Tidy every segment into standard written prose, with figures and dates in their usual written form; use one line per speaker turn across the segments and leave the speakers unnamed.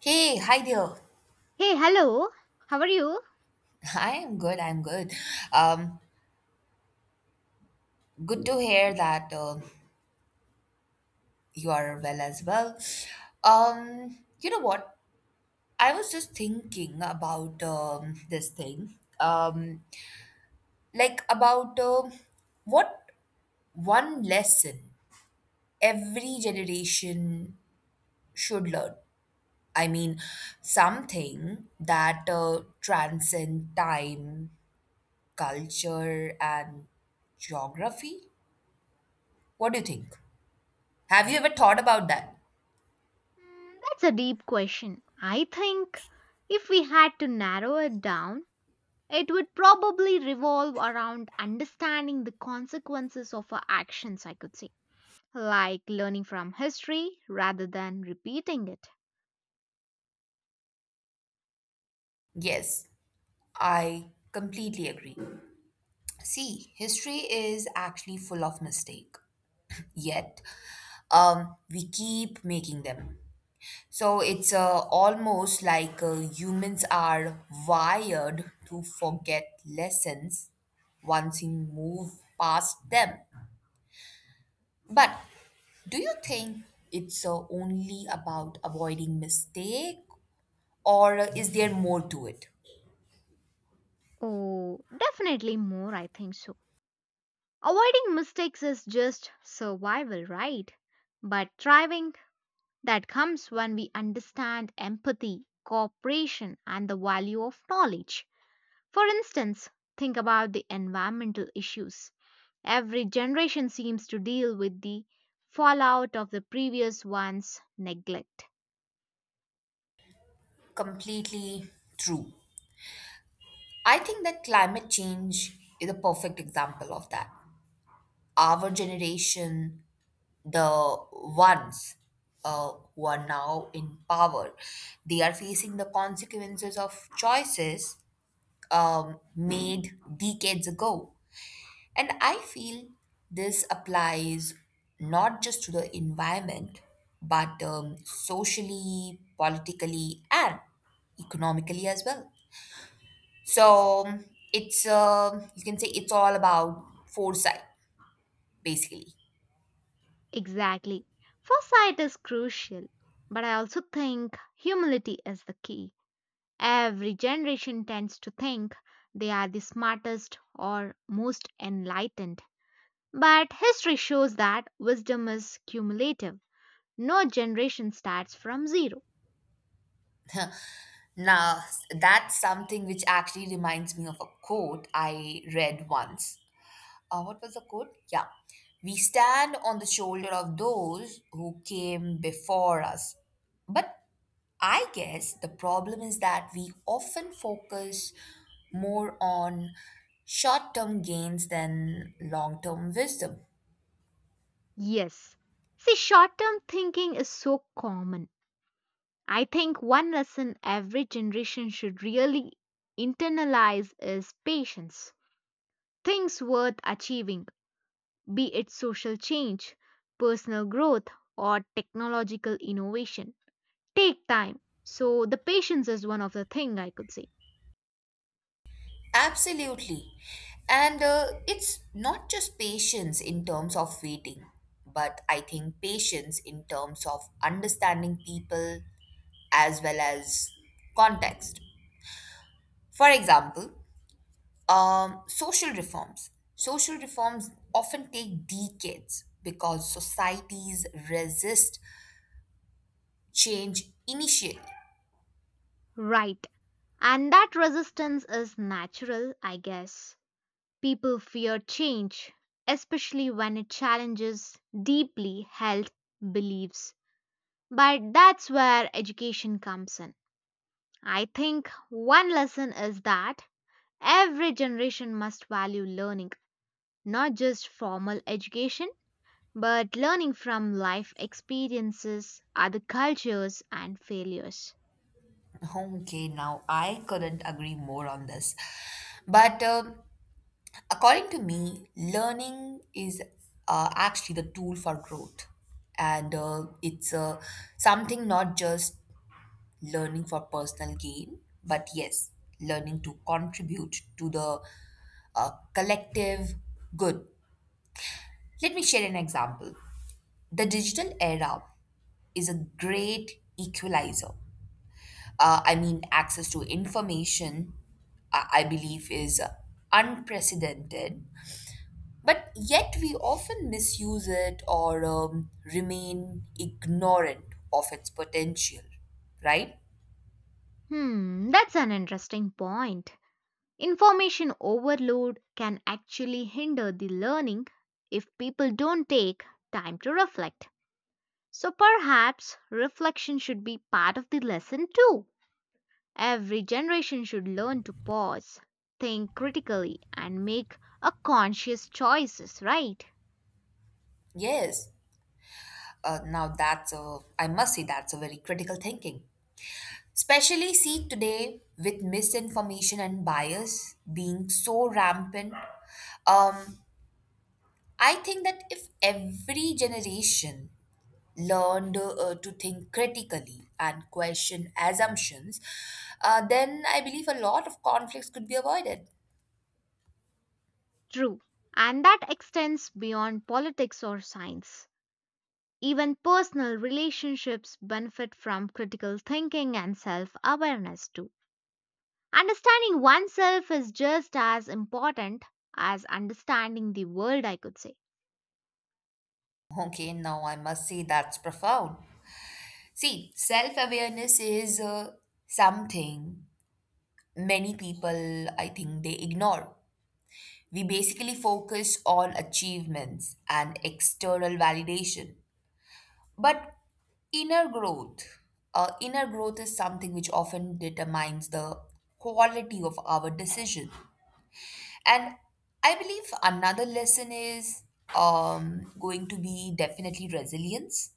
Hey, hi there.
Hey, hello. How are you?
I am good. I'm good. Um, Good to hear that you are well as well. You know what? I was just thinking about this thing. Um, like about what one lesson every generation should learn. I mean, something that transcend time, culture, and geography. What do you think? Have you ever thought about that?
That's a deep question. I think if we had to narrow it down, it would probably revolve around understanding the consequences of our actions, I could say. Like learning from history rather than repeating it.
Yes, I completely agree. See, history is actually full of mistake. Yet, we keep making them. So it's almost like humans are wired to forget lessons once you move past them. But do you think it's only about avoiding mistake or is there more to it?
Oh, definitely more, I think so. Avoiding mistakes is just survival, right? But thriving, that comes when we understand empathy, cooperation, and the value of knowledge. For instance, think about the environmental issues. Every generation seems to deal with the fallout of the previous one's neglect.
Completely true. I think that climate change is a perfect example of that. Our generation, the ones who are now in power, they are facing the consequences of choices made decades ago. And I feel this applies not just to the environment, but socially, politically, and economically as well. So it's you can say it's all about foresight, basically.
Exactly. Foresight is crucial, but I also think humility is the key. Every generation tends to think they are the smartest or most enlightened. But history shows that wisdom is cumulative. No generation starts from zero.
Now that's something which actually reminds me of a quote I read once. What was the quote? Yeah, we stand on the shoulder of those who came before us. But I guess the problem is that we often focus more on short term gains than long term wisdom.
Yes. See, short term thinking is so common. I think one lesson every generation should really internalize is patience. Things worth achieving, be it social change, personal growth, or technological innovation, take time. So, the patience is one of the thing I could say.
Absolutely. And it's not just patience in terms of waiting, but I think patience in terms of understanding people as well as context. For example, social reforms. Social reforms often take decades because societies resist change initially.
Right. And that resistance is natural, I guess. People fear change, especially when it challenges deeply held beliefs. But that's where education comes in. I think one lesson is that every generation must value learning, not just formal education, but learning from life experiences, other cultures, and failures.
Okay, now I couldn't agree more on this. But according to me, learning is actually the tool for growth. And it's something not just learning for personal gain, but yes, learning to contribute to the uh, collective good. Let me share an example. The digital era is a great equalizer. I mean, access to information, I believe, is unprecedented. But yet we often misuse it or remain ignorant of its potential, right?
Hmm, that's an interesting point. Information overload can actually hinder the learning if people don't take time to reflect. So perhaps reflection should be part of the lesson too. Every generation should learn to pause, think critically, and make a conscious choices, right?
Yes. Now I must say that's a very critical thinking. Especially see today with misinformation and bias being so rampant. Um, I think that if every generation learned to think critically and question assumptions, then I believe a lot of conflicts could be avoided.
True. And that extends beyond politics or science. Even personal relationships benefit from critical thinking and self awareness too. Understanding oneself is just as important as understanding the world, I could say.
Okay, now I must say that's profound. See, self awareness is something many people, I think, they ignore. We basically focus on achievements and external validation. But inner growth, inner growth is something which often determines the quality of our decision. And I believe another lesson is going to be definitely resilience.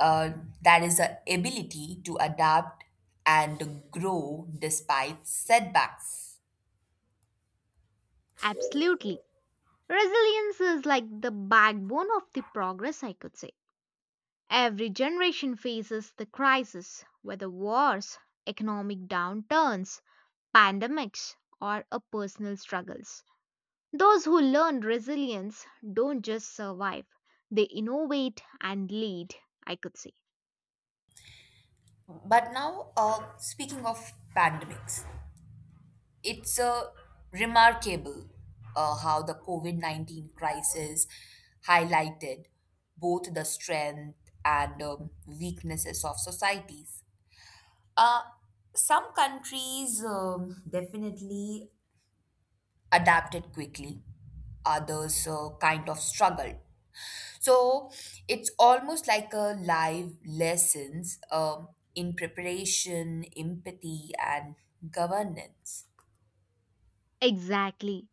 Uh, that is the ability to adapt and grow despite setbacks.
Absolutely. Resilience is like the backbone of the progress, I could say. Every generation faces the crisis, whether wars, economic downturns, pandemics, or a personal struggles. Those who learn resilience don't just survive, they innovate and lead, I could say.
But now, speaking of pandemics, it's remarkable how the COVID-19 crisis highlighted both the strength and weaknesses of societies. Uh, some countries definitely adapted quickly, others kind of struggled. So it's almost like a live lessons in preparation, empathy, and governance.
Exactly.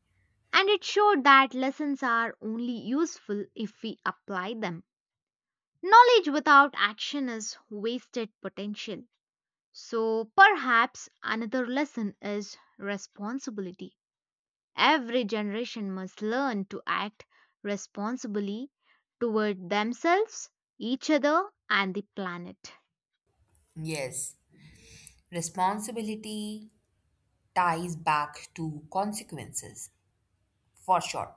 And it showed that lessons are only useful if we apply them. Knowledge without action is wasted potential. So perhaps another lesson is responsibility. Every generation must learn to act responsibly toward themselves, each other, and the planet.
Yes. Responsibility ties back to consequences, for sure.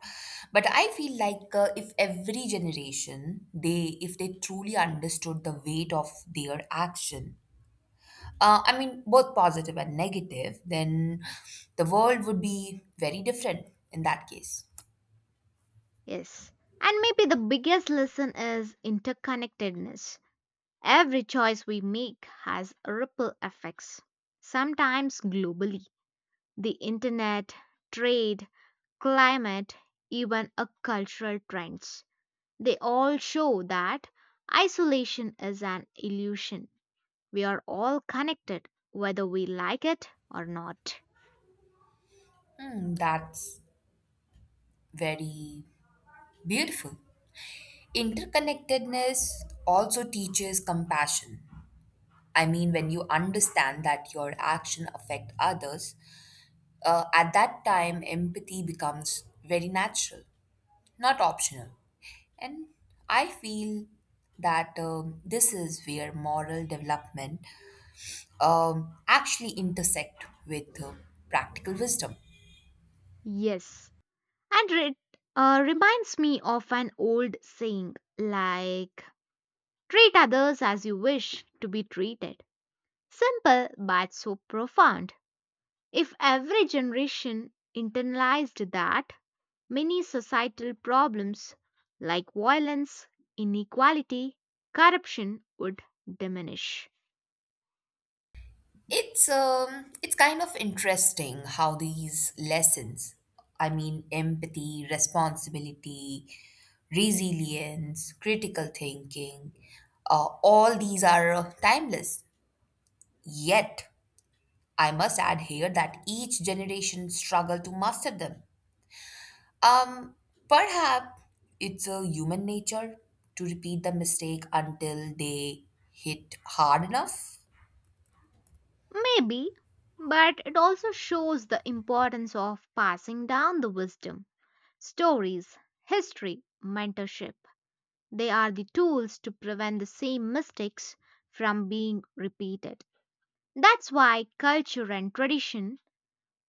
But I feel like if every generation, they if they truly understood the weight of their action, I mean both positive and negative, then the world would be very different in that case.
Yes. And maybe the biggest lesson is interconnectedness. Every choice we make has ripple effects, sometimes globally. The internet, trade, climate, even a cultural trends. They all show that isolation is an illusion. We are all connected whether we like it or not.
That's very beautiful. Interconnectedness also teaches compassion. I mean, when you understand that your action affect others, at that time empathy becomes very natural, not optional. And I feel that this is where moral development actually intersect with practical wisdom.
Yes, and it reminds me of an old saying like treat others as you wish to be treated. Simple but so profound. If every generation internalized that, many societal problems like violence, inequality, corruption would diminish.
It's kind of interesting how these lessons, I mean empathy, responsibility, resilience, critical thinking, all these are timeless. Yet, I must add here that each generation struggle to master them. Um Perhaps it's a human nature to repeat the mistake until they hit hard enough.
Maybe, but it also shows the importance of passing down the wisdom, stories, history, mentorship. They are the tools to prevent the same mistakes from being repeated. That's why culture and tradition,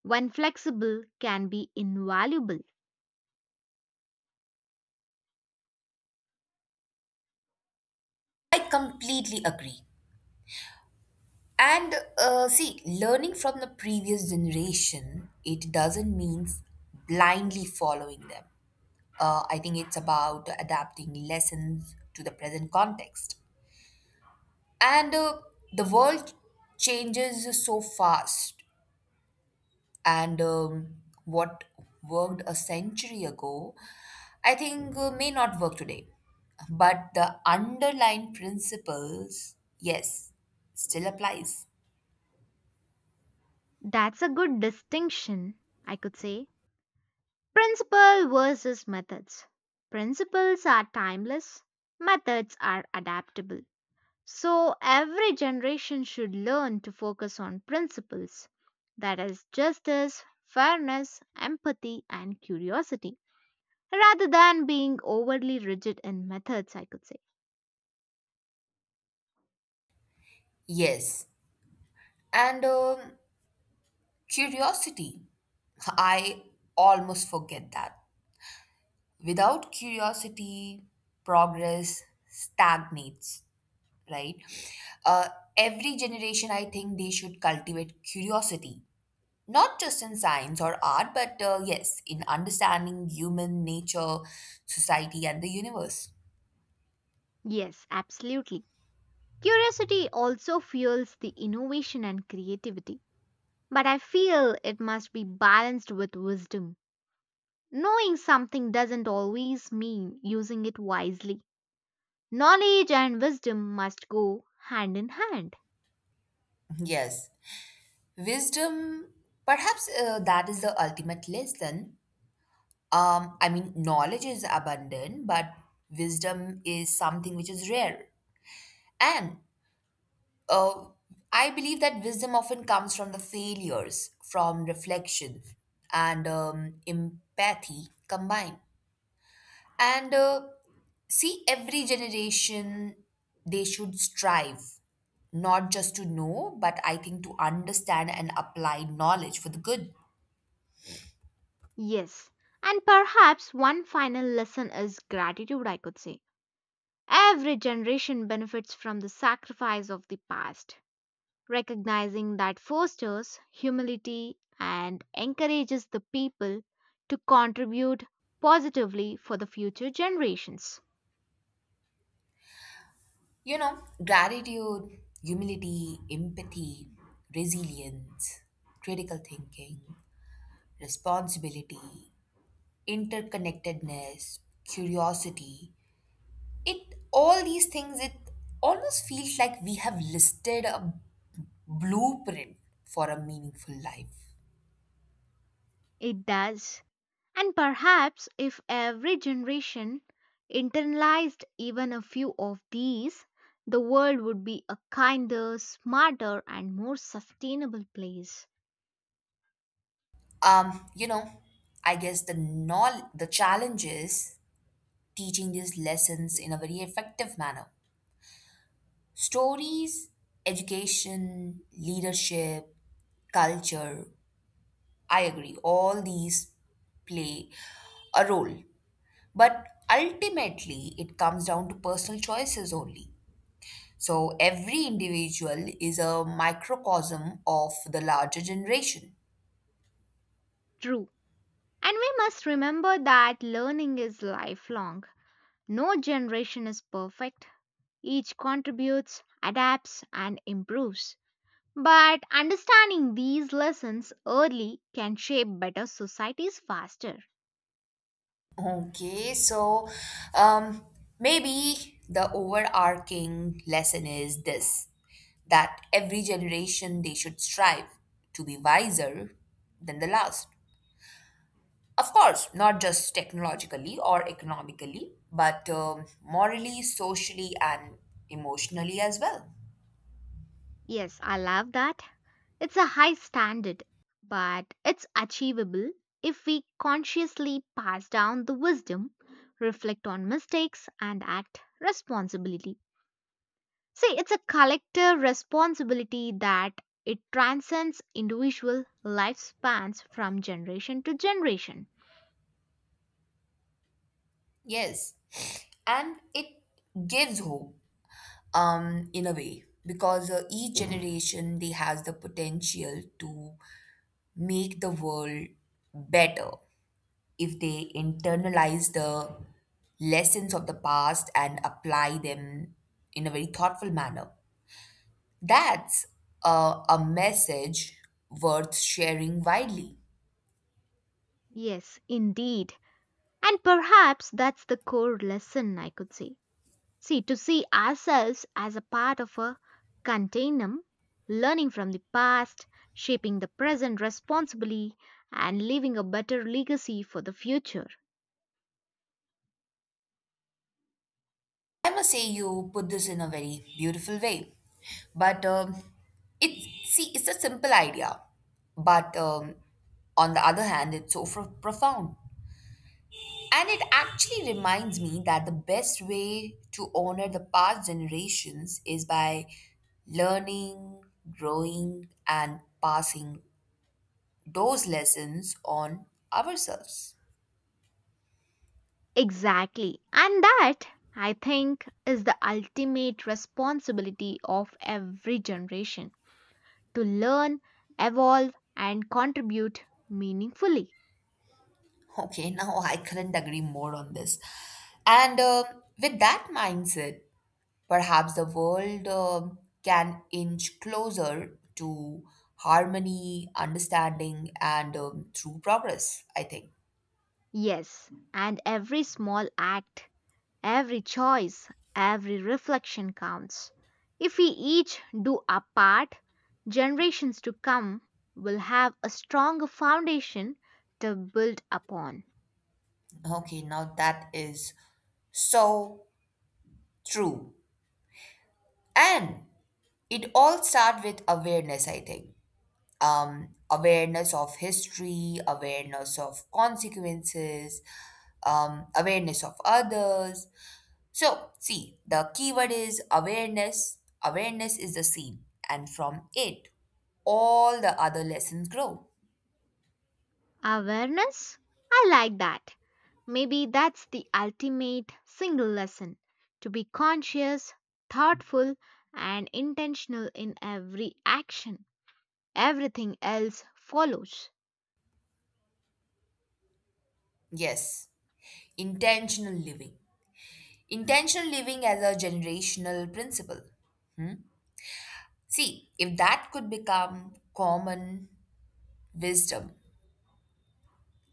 when flexible, can be invaluable.
I completely agree. And see, learning from the previous generation, it doesn't mean blindly following them. I think it's about adapting lessons to the present context. And the world changes so fast. And what worked a century ago, I think may not work today. But the underlying principles, yes, still applies.
That's a good distinction, I could say. Principle versus methods. Principles are timeless, methods are adaptable. So, every generation should learn to focus on principles that is, justice, fairness, empathy, and curiosity rather than being overly rigid in methods, I could say.
Yes. And curiosity. I almost forget that. Without curiosity, progress stagnates, right? Uh, every generation, I think they should cultivate curiosity, not just in science or art, but yes, in understanding human nature, society, and the universe.
Yes, absolutely. Curiosity also fuels the innovation and creativity. But I feel it must be balanced with wisdom. Knowing something doesn't always mean using it wisely. Knowledge and wisdom must go hand in hand.
Yes. Wisdom, perhaps that is the ultimate lesson. I mean, knowledge is abundant, but wisdom is something which is rare. And uh, I believe that wisdom often comes from the failures, from reflection, and empathy combined. And see, every generation they should strive not just to know, but I think to understand and apply knowledge for the good.
Yes. And perhaps one final lesson is gratitude, I could say. Every generation benefits from the sacrifice of the past. Recognizing that fosters humility and encourages the people to contribute positively for the future generations.
You know, gratitude, humility, empathy, resilience, critical thinking, responsibility, interconnectedness, curiosity. It All these things, it almost feels like we have listed a blueprint for a meaningful life.
It does. And perhaps if every generation internalized even a few of these, the world would be a kinder, smarter, and more sustainable place.
You know, I guess the challenge is teaching these lessons in a very effective manner. Stories, education, leadership, culture, I agree, all these play a role. But ultimately, it comes down to personal choices only. So every individual is a microcosm of the larger generation.
True. And we must remember that learning is lifelong. No generation is perfect. Each contributes, adapts, and improves. But understanding these lessons early can shape better societies faster.
Okay, so um, maybe the overarching lesson is this, that every generation they should strive to be wiser than the last. Of course, not just technologically or economically, but morally, socially, and emotionally as well.
Yes, I love that. It's a high standard, but it's achievable if we consciously pass down the wisdom, reflect on mistakes, and act responsibly. See, it's a collective responsibility that it transcends individual lifespans from generation to generation.
Yes, and it gives hope in a way because each generation they has the potential to make the world better if they internalize the lessons of the past and apply them in a very thoughtful manner. That's a message worth sharing widely.
Yes, indeed. And perhaps that's the core lesson, I could say. See, to see ourselves as a part of a continuum, learning from the past, shaping the present responsibly, and leaving a better legacy for the future.
I must say you put this in a very beautiful way. But it's see, it's a simple idea, but on the other hand, it's so profound. And it actually reminds me that the best way to honor the past generations is by learning, growing, and passing those lessons on ourselves.
Exactly. And that, I think, is the ultimate responsibility of every generation to learn, evolve, and contribute meaningfully.
Okay, now I couldn't agree more on this. And with that mindset, perhaps the world can inch closer to harmony, understanding, and true progress, I think.
Yes, and every small act. Every choice, every reflection counts. If we each do our part, generations to come will have a stronger foundation to build upon.
Okay, now that is so true. And it all starts with awareness, I think. Awareness of history, awareness of consequences, awareness of others. So, see, the keyword is awareness. Awareness is the seed, and from it, all the other lessons grow.
Awareness? I like that. Maybe that's the ultimate single lesson to be conscious, thoughtful, and intentional in every action. Everything else follows.
Yes, intentional living. Intentional living as a generational principle. Hmm? See, if that could become common wisdom,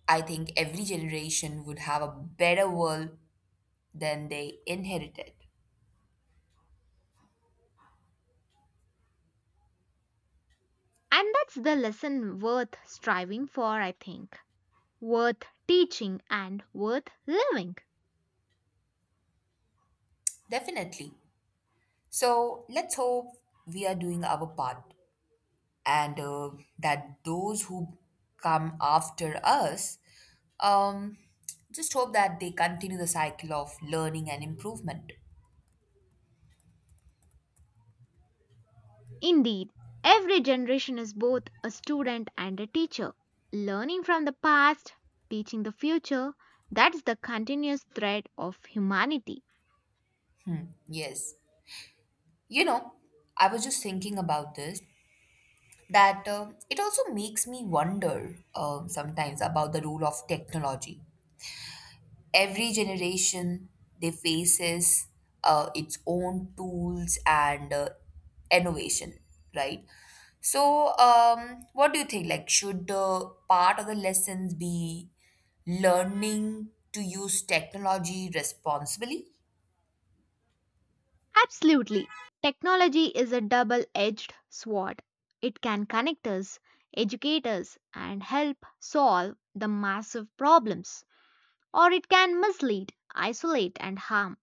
I think every generation would have a better world than they inherited.
And that's the lesson worth striving for, I think. Worth teaching and worth living.
Definitely. So, let's hope we are doing our part. And that those who come after us, um, just hope that they continue the cycle of learning and improvement.
Indeed, every generation is both a student and a teacher. Learning from the past, teaching the future, that's the continuous thread of humanity.
Hmm, yes. You know, I was just thinking about this, that it also makes me wonder sometimes about the role of technology. Every generation they faces its own tools and innovation, right? So what do you think, like should part of the lessons be learning to use technology responsibly?
Absolutely. Technology is a double edged sword. It can connect us, educate us, and help solve the massive problems, or it can mislead, isolate, and harm.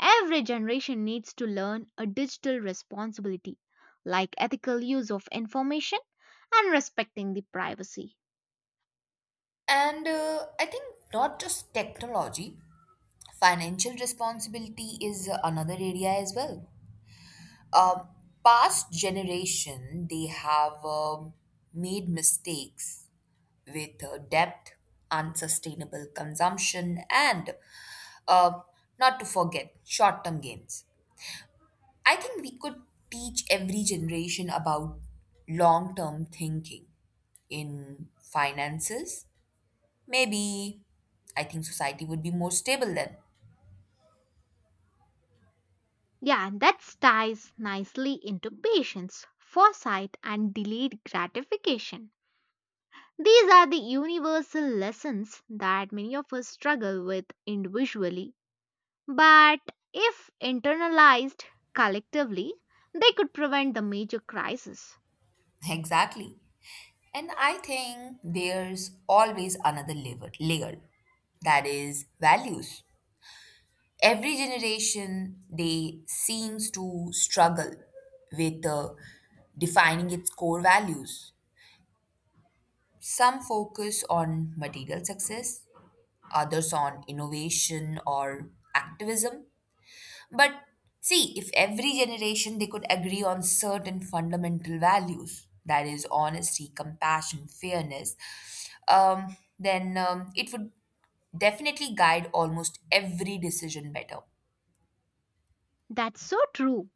Every generation needs to learn a digital responsibility like ethical use of information and respecting the privacy.
And I think not just technology, financial responsibility is another area as well. um, Past generation they have made mistakes with debt, unsustainable consumption, and uh, not to forget short-term gains. I think we could teach every generation about long-term thinking in finances, maybe. I think society would be more stable then.
Yeah, and that ties nicely into patience, foresight, and delayed gratification. These are the universal lessons that many of us struggle with individually, but if internalized collectively, they could prevent the major crisis.
Exactly. And I think there's always another layer, that is values. Every generation they seems to struggle with defining its core values. Some focus on material success, others on innovation or activism. But see, if every generation they could agree on certain fundamental values, that is honesty, compassion, fairness, then it would definitely guide almost every decision better.
That's so true.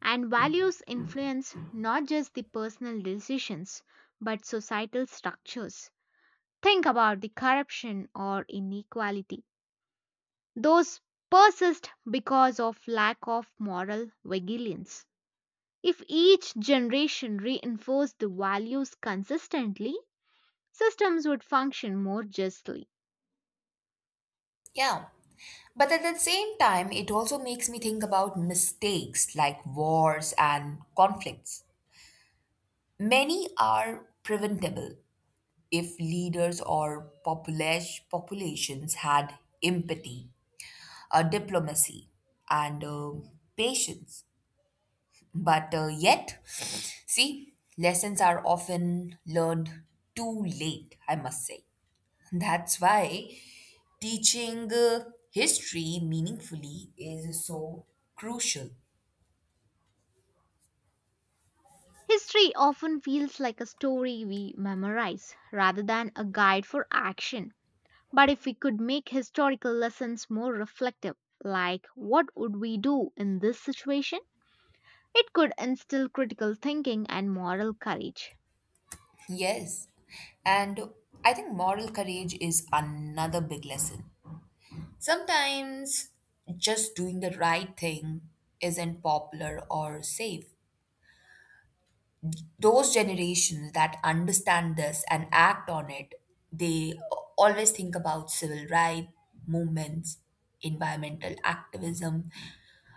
And values influence not just the personal decisions but societal structures. Think about the corruption or inequality. Those persist because of lack of moral vigilance. If each generation reinforced the values consistently, systems would function more justly.
Yeah. But at the same time, it also makes me think about mistakes like wars and conflicts. Many are preventable if leaders or populations had empathy, diplomacy, and patience. But yet, see, lessons are often learned too late, I must say. That's why teaching history meaningfully is so crucial.
History often feels like a story we memorize rather than a guide for action. But if we could make historical lessons more reflective, like what would we do in this situation, it could instill critical thinking and moral courage.
Yes. And I think moral courage is another big lesson. Sometimes just doing the right thing isn't popular or safe. Those generations that understand this and act on it, they always think about civil rights movements, environmental activism.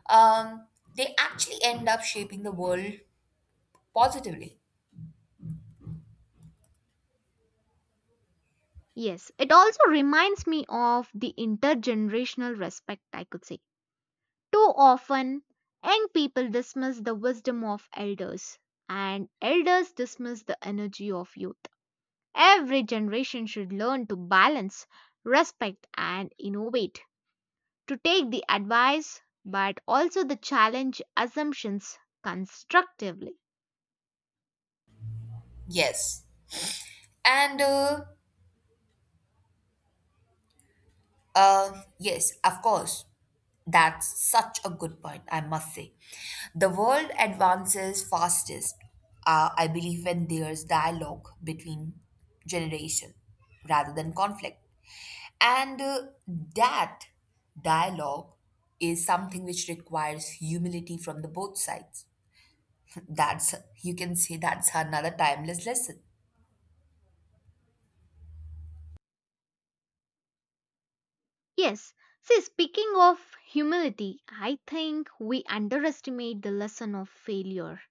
Um, they actually end up shaping the world positively.
Yes, it also reminds me of the intergenerational respect, I could say. Too often, young people dismiss the wisdom of elders, and elders dismiss the energy of youth. Every generation should learn to balance, respect, and innovate to take the advice but also the challenge assumptions constructively.
Yes. And yes, of course, that's such a good point, I must say. The world advances fastest, I believe, when there's dialogue between generation rather than conflict. And that dialogue is something which requires humility from the both sides. That's You can say that's another timeless lesson.
Yes, see, speaking of humility, I think we underestimate the lesson of failure.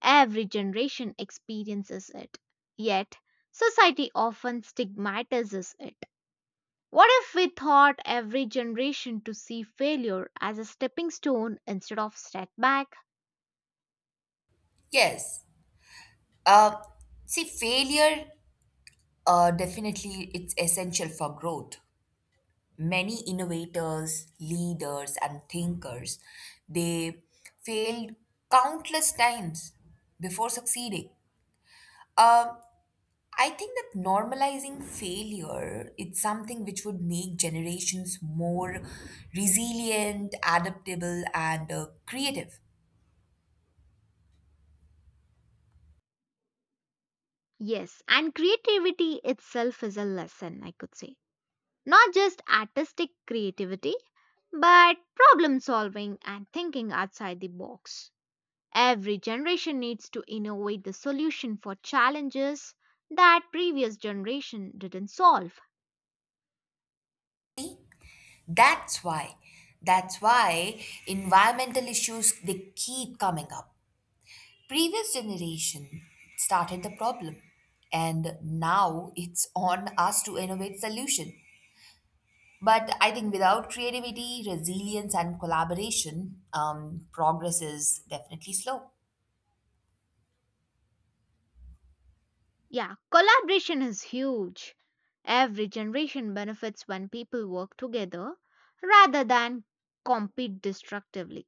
Every generation experiences it, yet, society often stigmatizes it. What if we taught every generation to see failure as a stepping stone instead of setback?
Yes. Um See, failure definitely it's essential for growth. Many innovators, leaders, and thinkers they failed countless times before succeeding. Um I think that normalizing failure is something which would make generations more resilient, adaptable, and creative.
Yes, and creativity itself is a lesson, I could say. Not just artistic creativity, but problem solving and thinking outside the box. Every generation needs to innovate the solution for challenges that previous generation didn't solve.
See, that's why, that's why environmental issues they keep coming up. Previous generation started the problem, and now it's on us to innovate solution. But I think without creativity, resilience, and collaboration, progress is definitely slow.
Yeah, collaboration is huge. Every generation benefits when people work together rather than compete destructively.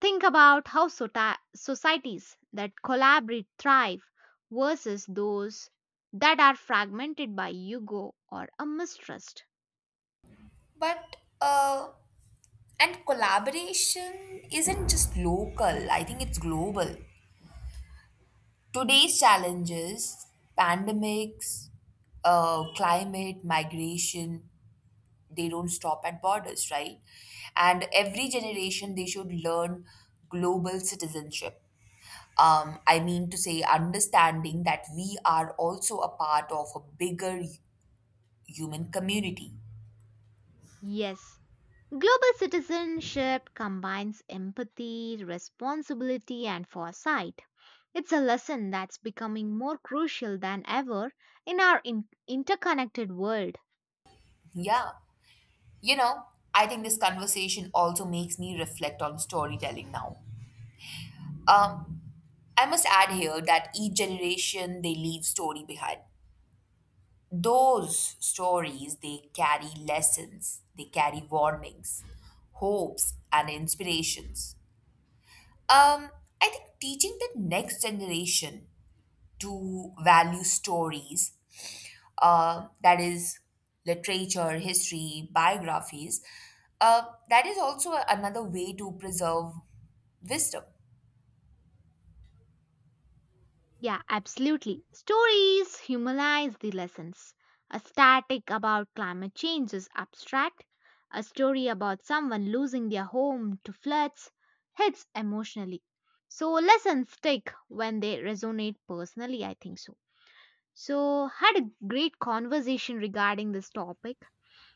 Think about how societies that collaborate thrive versus those that are fragmented by ego or a mistrust.
But and collaboration isn't just local. I think it's global. Today's challenges, pandemics, climate, migration, they don't stop at borders, right? And every generation they should learn global citizenship. I mean to say, understanding that we are also a part of a bigger human community.
Yes, global citizenship combines empathy, responsibility, and foresight. It's a lesson that's becoming more crucial than ever in our interconnected world.
Yeah. You know, I think this conversation also makes me reflect on storytelling now. Um, I must add here that each generation they leave story behind. Those stories they carry lessons, they carry warnings, hopes and inspirations. Um, I think teaching the next generation to value stories, that is literature, history, biographies, uh, that is also another way to preserve wisdom.
Yeah, absolutely. Stories humanize the lessons. A static about climate change is abstract. A story about someone losing their home to floods hits emotionally. So lessons stick when they resonate personally, I think so. So had a great conversation regarding this topic,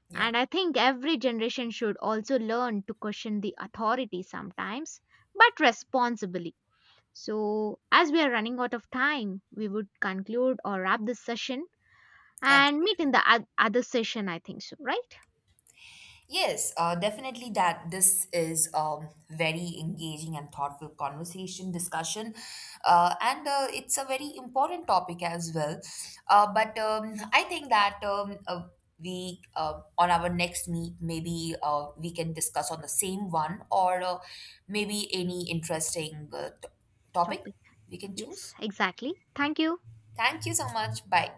Yeah,
and I think every generation should also learn to question the authority sometimes but responsibly. So, as we are running out of time, we would conclude or wrap this session and meet in
absolutely.
the other session, I think so, right?
Yes, definitely that this is very engaging and thoughtful conversation discussion, and it's a very important topic as well. But I think that we on our next meet maybe we can discuss on the same one or maybe any interesting topic
Topic.
we can
Yes,
choose.
exactly. Thank you.
Thank you so much. Bye.